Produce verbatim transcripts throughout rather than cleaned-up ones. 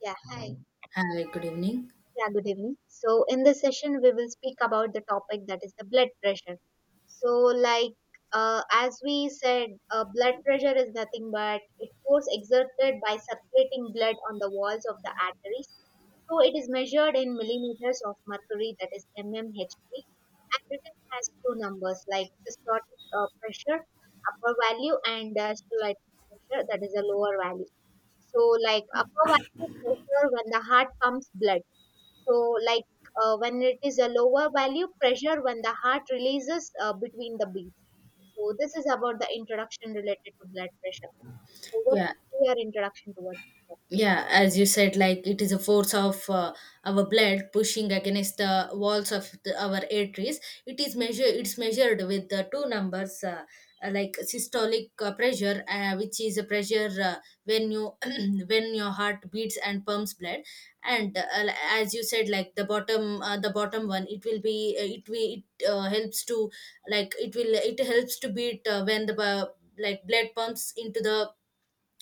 Yeah, hi. Hi, good evening. Yeah, good evening. So, in this session, we will speak about the topic that is the blood pressure. So, like uh, as we said, uh, blood pressure is nothing but it force exerted by circulating blood on the walls of the arteries. So, it is measured in millimeters of mercury, that is mmHg, and written has two numbers like systolic uh, pressure, upper value, and diastolic pressure, that is a lower value. So, like upper value pressure when the heart pumps blood. So, like uh, when it is a lower value pressure when the heart releases uh, between the beats. So, this is about the introduction related to blood pressure. So, what Yeah, is your introduction towards it? yeah, as you said, like it is a force of uh, our blood pushing against the walls of the, our arteries. It is measure. It's measured with the two numbers, uh, uh, like systolic uh, pressure, uh, which is a pressure uh, when you when your heart beats and pumps blood, and uh, l- as you said, like the bottom, uh, the bottom one, it will be uh, it will it uh, helps to like it will it helps to beat uh, when the bu- like blood pumps into the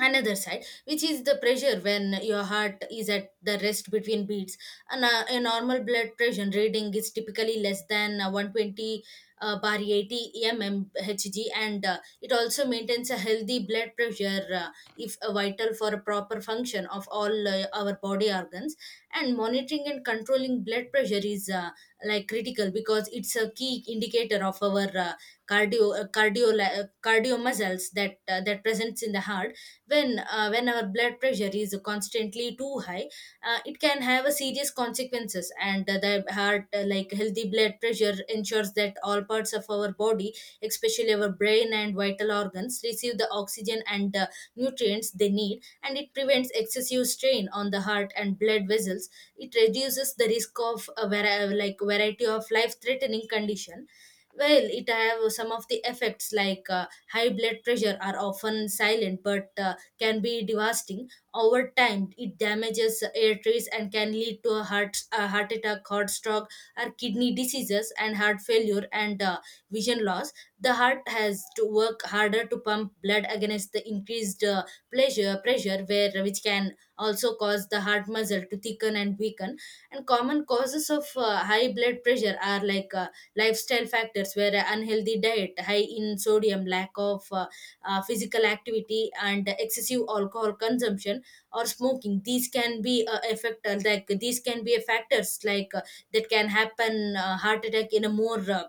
another side, which is the pressure when your heart is at the rest between beats. And uh, a normal blood pressure reading is typically less than uh, one twenty uh, bar eighty mm H G. And uh, it also maintains a healthy blood pressure, uh, if uh, vital for a proper function of all uh, our body organs. And monitoring and controlling blood pressure is uh, like critical because it's a key indicator of our uh, cardio uh, cardio uh, cardio muscles that uh, that presents in the heart. When uh, when our blood pressure is constantly too high, uh, it can have a serious consequences. And uh, the heart, uh, like healthy blood pressure ensures that all parts of our body, especially our brain and vital organs, receive the oxygen and uh, nutrients they need, and it prevents excessive strain on the heart and blood vessels. It reduces the risk of a vari- like variety of life threatening condition. Well, it have some of the effects like uh, high blood pressure are often silent but uh, can be devastating. Over time, it damages air trays and can lead to a heart, a heart attack, heart stroke, or kidney diseases and heart failure, and uh, vision loss. The heart has to work harder to pump blood against the increased uh, pleasure, pressure, where which can also cause the heart muscle to thicken and weaken. And common causes of uh, high blood pressure are like uh, lifestyle factors, where unhealthy diet, high in sodium, lack of uh, uh, physical activity and excessive alcohol consumption or smoking, these can be uh, effect uh, like these can be factors like uh, that can happen uh, heart attack in a more uh,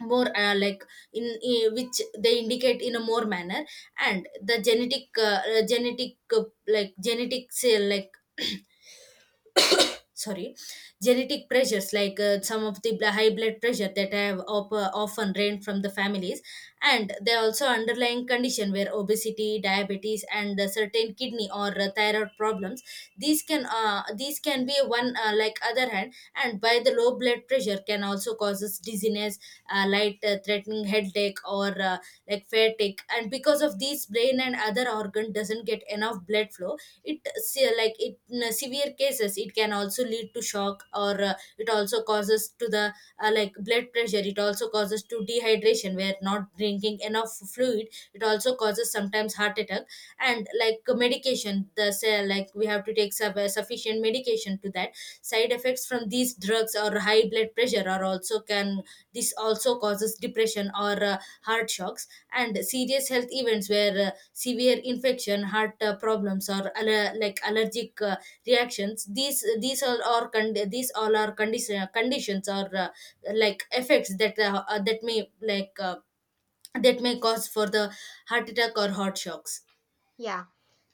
more uh, like in, in which they indicate in a more manner. And the genetic uh, uh, genetic uh, like genetic say like sorry, genetic pressures, like uh, some of the bl- high blood pressure that have op- uh, often reigned from the families. And there are also underlying condition where obesity, diabetes, and uh, certain kidney or uh, thyroid problems, these can uh, these can be one uh, like other hand. And by the low blood pressure can also causes dizziness, uh, light uh, threatening headache or uh, like fatigue, and because of these brain and other organ doesn't get enough blood flow. it se- like it in severe cases it can also lead to shock. Or uh, it also causes to the uh, like blood pressure, it also causes to dehydration where not drinking enough fluid. It also causes sometimes heart attack. And like medication, the se- like we have to take sub- sufficient medication to that. Side effects from these drugs or high blood pressure are also can this also causes depression or uh, heart shocks. And serious health events where uh, severe infection, heart uh, problems, or aller- like allergic uh, reactions, these these all are con- these all are condition conditions, or uh, like effects that uh, uh, that may like uh, that may cause for the heart attack or heart shocks. Yeah.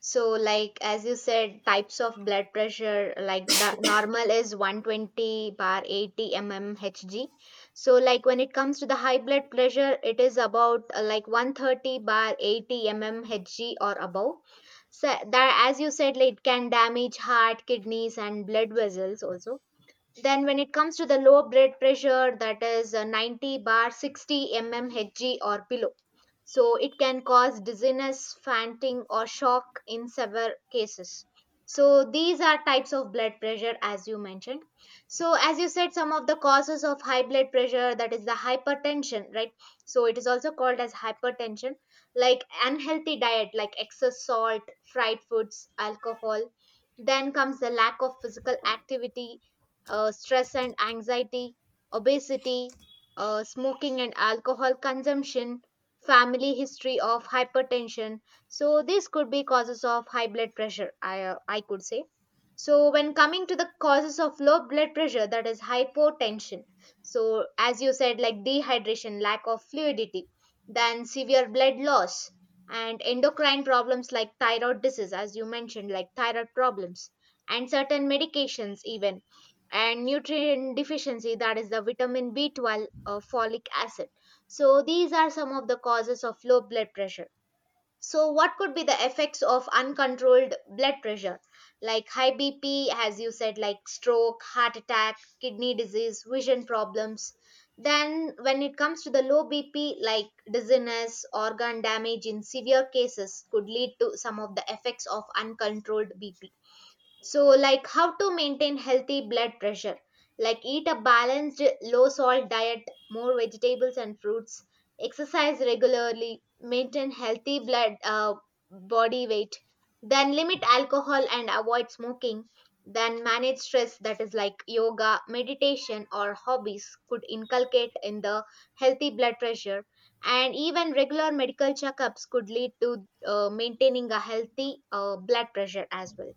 So, like as you said, types of blood pressure, like the normal is one twenty bar eighty millimeters Hg. So, like when it comes to the high blood pressure, it is about uh, like one thirty bar eighty millimeters Hg or above. So that, as you said, like, it can damage heart, kidneys, and blood vessels also. Then when it comes to the low blood pressure, that is uh, ninety bar sixty mmHg Hg or below. So it can cause dizziness, fainting or shock in severe cases. So these are types of blood pressure as you mentioned. So as you said, some of the causes of high blood pressure, that is the hypertension, right? So it is also called as hypertension, like unhealthy diet, like excess salt, fried foods, alcohol. Then comes the lack of physical activity, uh, stress and anxiety, obesity, uh, smoking and alcohol consumption, family history of hypertension. So these could be causes of high blood pressure. I uh, I could say. So when coming to the causes of low blood pressure, that is hypotension. So as you said, like dehydration, lack of fluidity, then severe blood loss and endocrine problems like thyroid disease, as you mentioned, like thyroid problems and certain medications even and nutrient deficiency that is the vitamin b twelve or folic acid. So these are some of the causes of low blood pressure. So what could be the effects of uncontrolled blood pressure, like high bp, as you said, like stroke, heart attack, kidney disease, vision problems? Then when it comes to the low bp, like dizziness, organ damage in severe cases could lead to some of the effects of uncontrolled bp. So, like how to maintain healthy blood pressure? Like eat a balanced, low salt diet, more vegetables and fruits, exercise regularly, maintain healthy blood uh, body weight, then limit alcohol and avoid smoking, then manage stress, that is like yoga, meditation, or hobbies could inculcate in the healthy blood pressure. And even regular medical checkups could lead to uh, maintaining a healthy uh, blood pressure as well.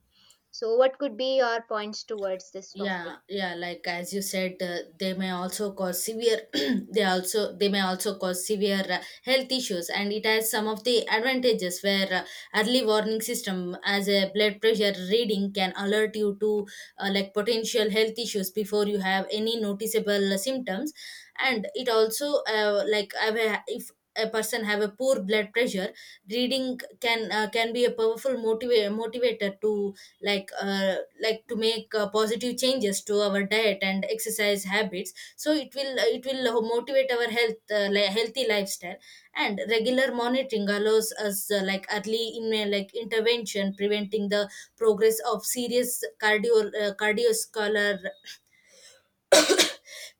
So, what could be your points towards this topic? Yeah yeah, like as you said, uh, they may also cause severe they also they may also cause severe uh, health issues. And it has some of the advantages, where uh, early warning system as a blood pressure reading can alert you to uh, like potential health issues before you have any noticeable uh, symptoms. And it also uh, like have a- if a person have a poor blood pressure reading can uh, can be a powerful motiva- motivator to like uh, like to make uh, positive changes to our diet and exercise habits, so it will uh, it will motivate our health uh, li- healthy lifestyle. And regular monitoring allows us uh, like early in uh, like intervention, preventing the progress of serious cardio uh, cardiovascular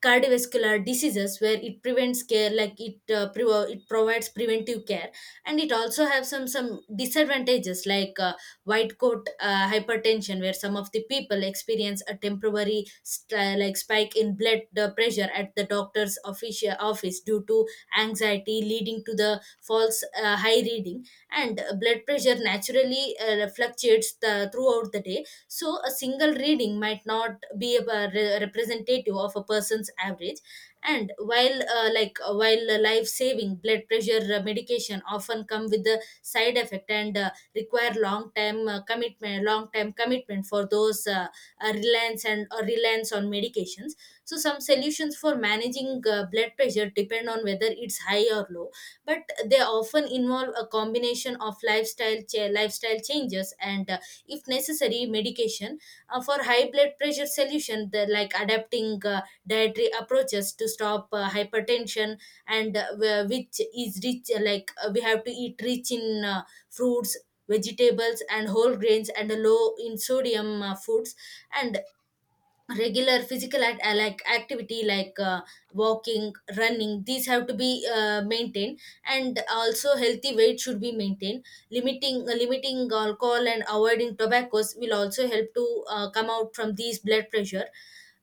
cardiovascular diseases, where it prevents care like it uh, pre- it provides preventive care. And it also have some some disadvantages, like uh, white coat uh, hypertension, where some of the people experience a temporary st- uh, like spike in blood uh, pressure at the doctor's official office due to anxiety, leading to the false uh, high reading. And uh, blood pressure naturally uh, fluctuates the, throughout the day, so a single reading might not be a re- representative of a person's average. And while uh, like uh, while uh, life saving blood pressure uh, medication often come with the side effect, and uh, require long time uh, commitment long time commitment for those uh, uh, reliance and or reliance on medications. So some solutions for managing uh, blood pressure depend on whether it's high or low, but they often involve a combination of lifestyle cha- lifestyle changes and uh, if necessary medication. Uh, for high blood pressure solution, the, like adapting uh, dietary approaches to stop uh, hypertension, and uh, wh- which is rich uh, like uh, we have to eat rich in uh, fruits, vegetables, and whole grains, and low in sodium uh, foods. And regular physical act, uh, like activity like uh, walking, running, these have to be uh, maintained. And also healthy weight should be maintained. Limiting uh, limiting alcohol and avoiding tobaccos will also help to uh, come out from these blood pressure.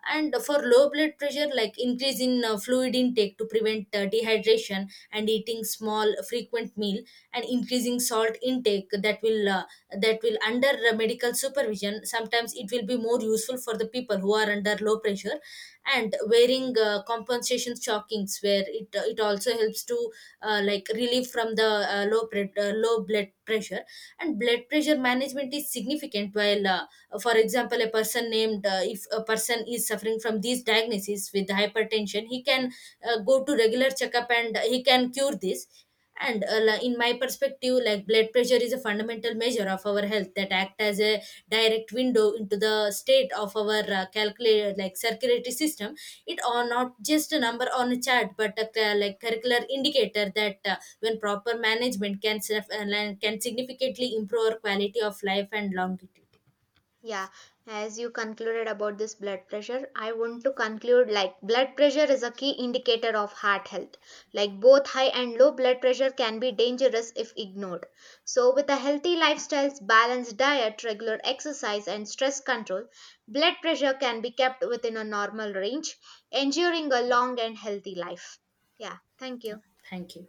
And for low blood pressure, like increase in uh, fluid intake to prevent uh, dehydration, and eating small frequent meal, and increasing salt intake, that will uh, that will under uh, medical supervision sometimes it will be more useful for the people who are under low pressure. And wearing uh, compensation stockings, where it uh, it also helps to uh, like relieve from the uh, low pre- uh, low blood pressure. And blood pressure management is significant. While uh, uh, For example, a person named, uh, if a person is suffering from these diagnoses with hypertension, he can uh, go to regular checkup and he can cure this. And uh, li- in my perspective, like blood pressure is a fundamental measure of our health that act as a direct window into the state of our uh, calculated like circulatory system. It are not just a number on a chart, but a cl- like curricular indicator that uh, when proper management can sef- uh, can significantly improve our quality of life and longevity. Yeah, as you concluded about this blood pressure, I want to conclude like blood pressure is a key indicator of heart health. Like both high and low blood pressure can be dangerous if ignored. So, with a healthy lifestyle, balanced diet, regular exercise, and stress control, blood pressure can be kept within a normal range, ensuring a long and healthy life. Yeah, thank Yeah, you. thank you.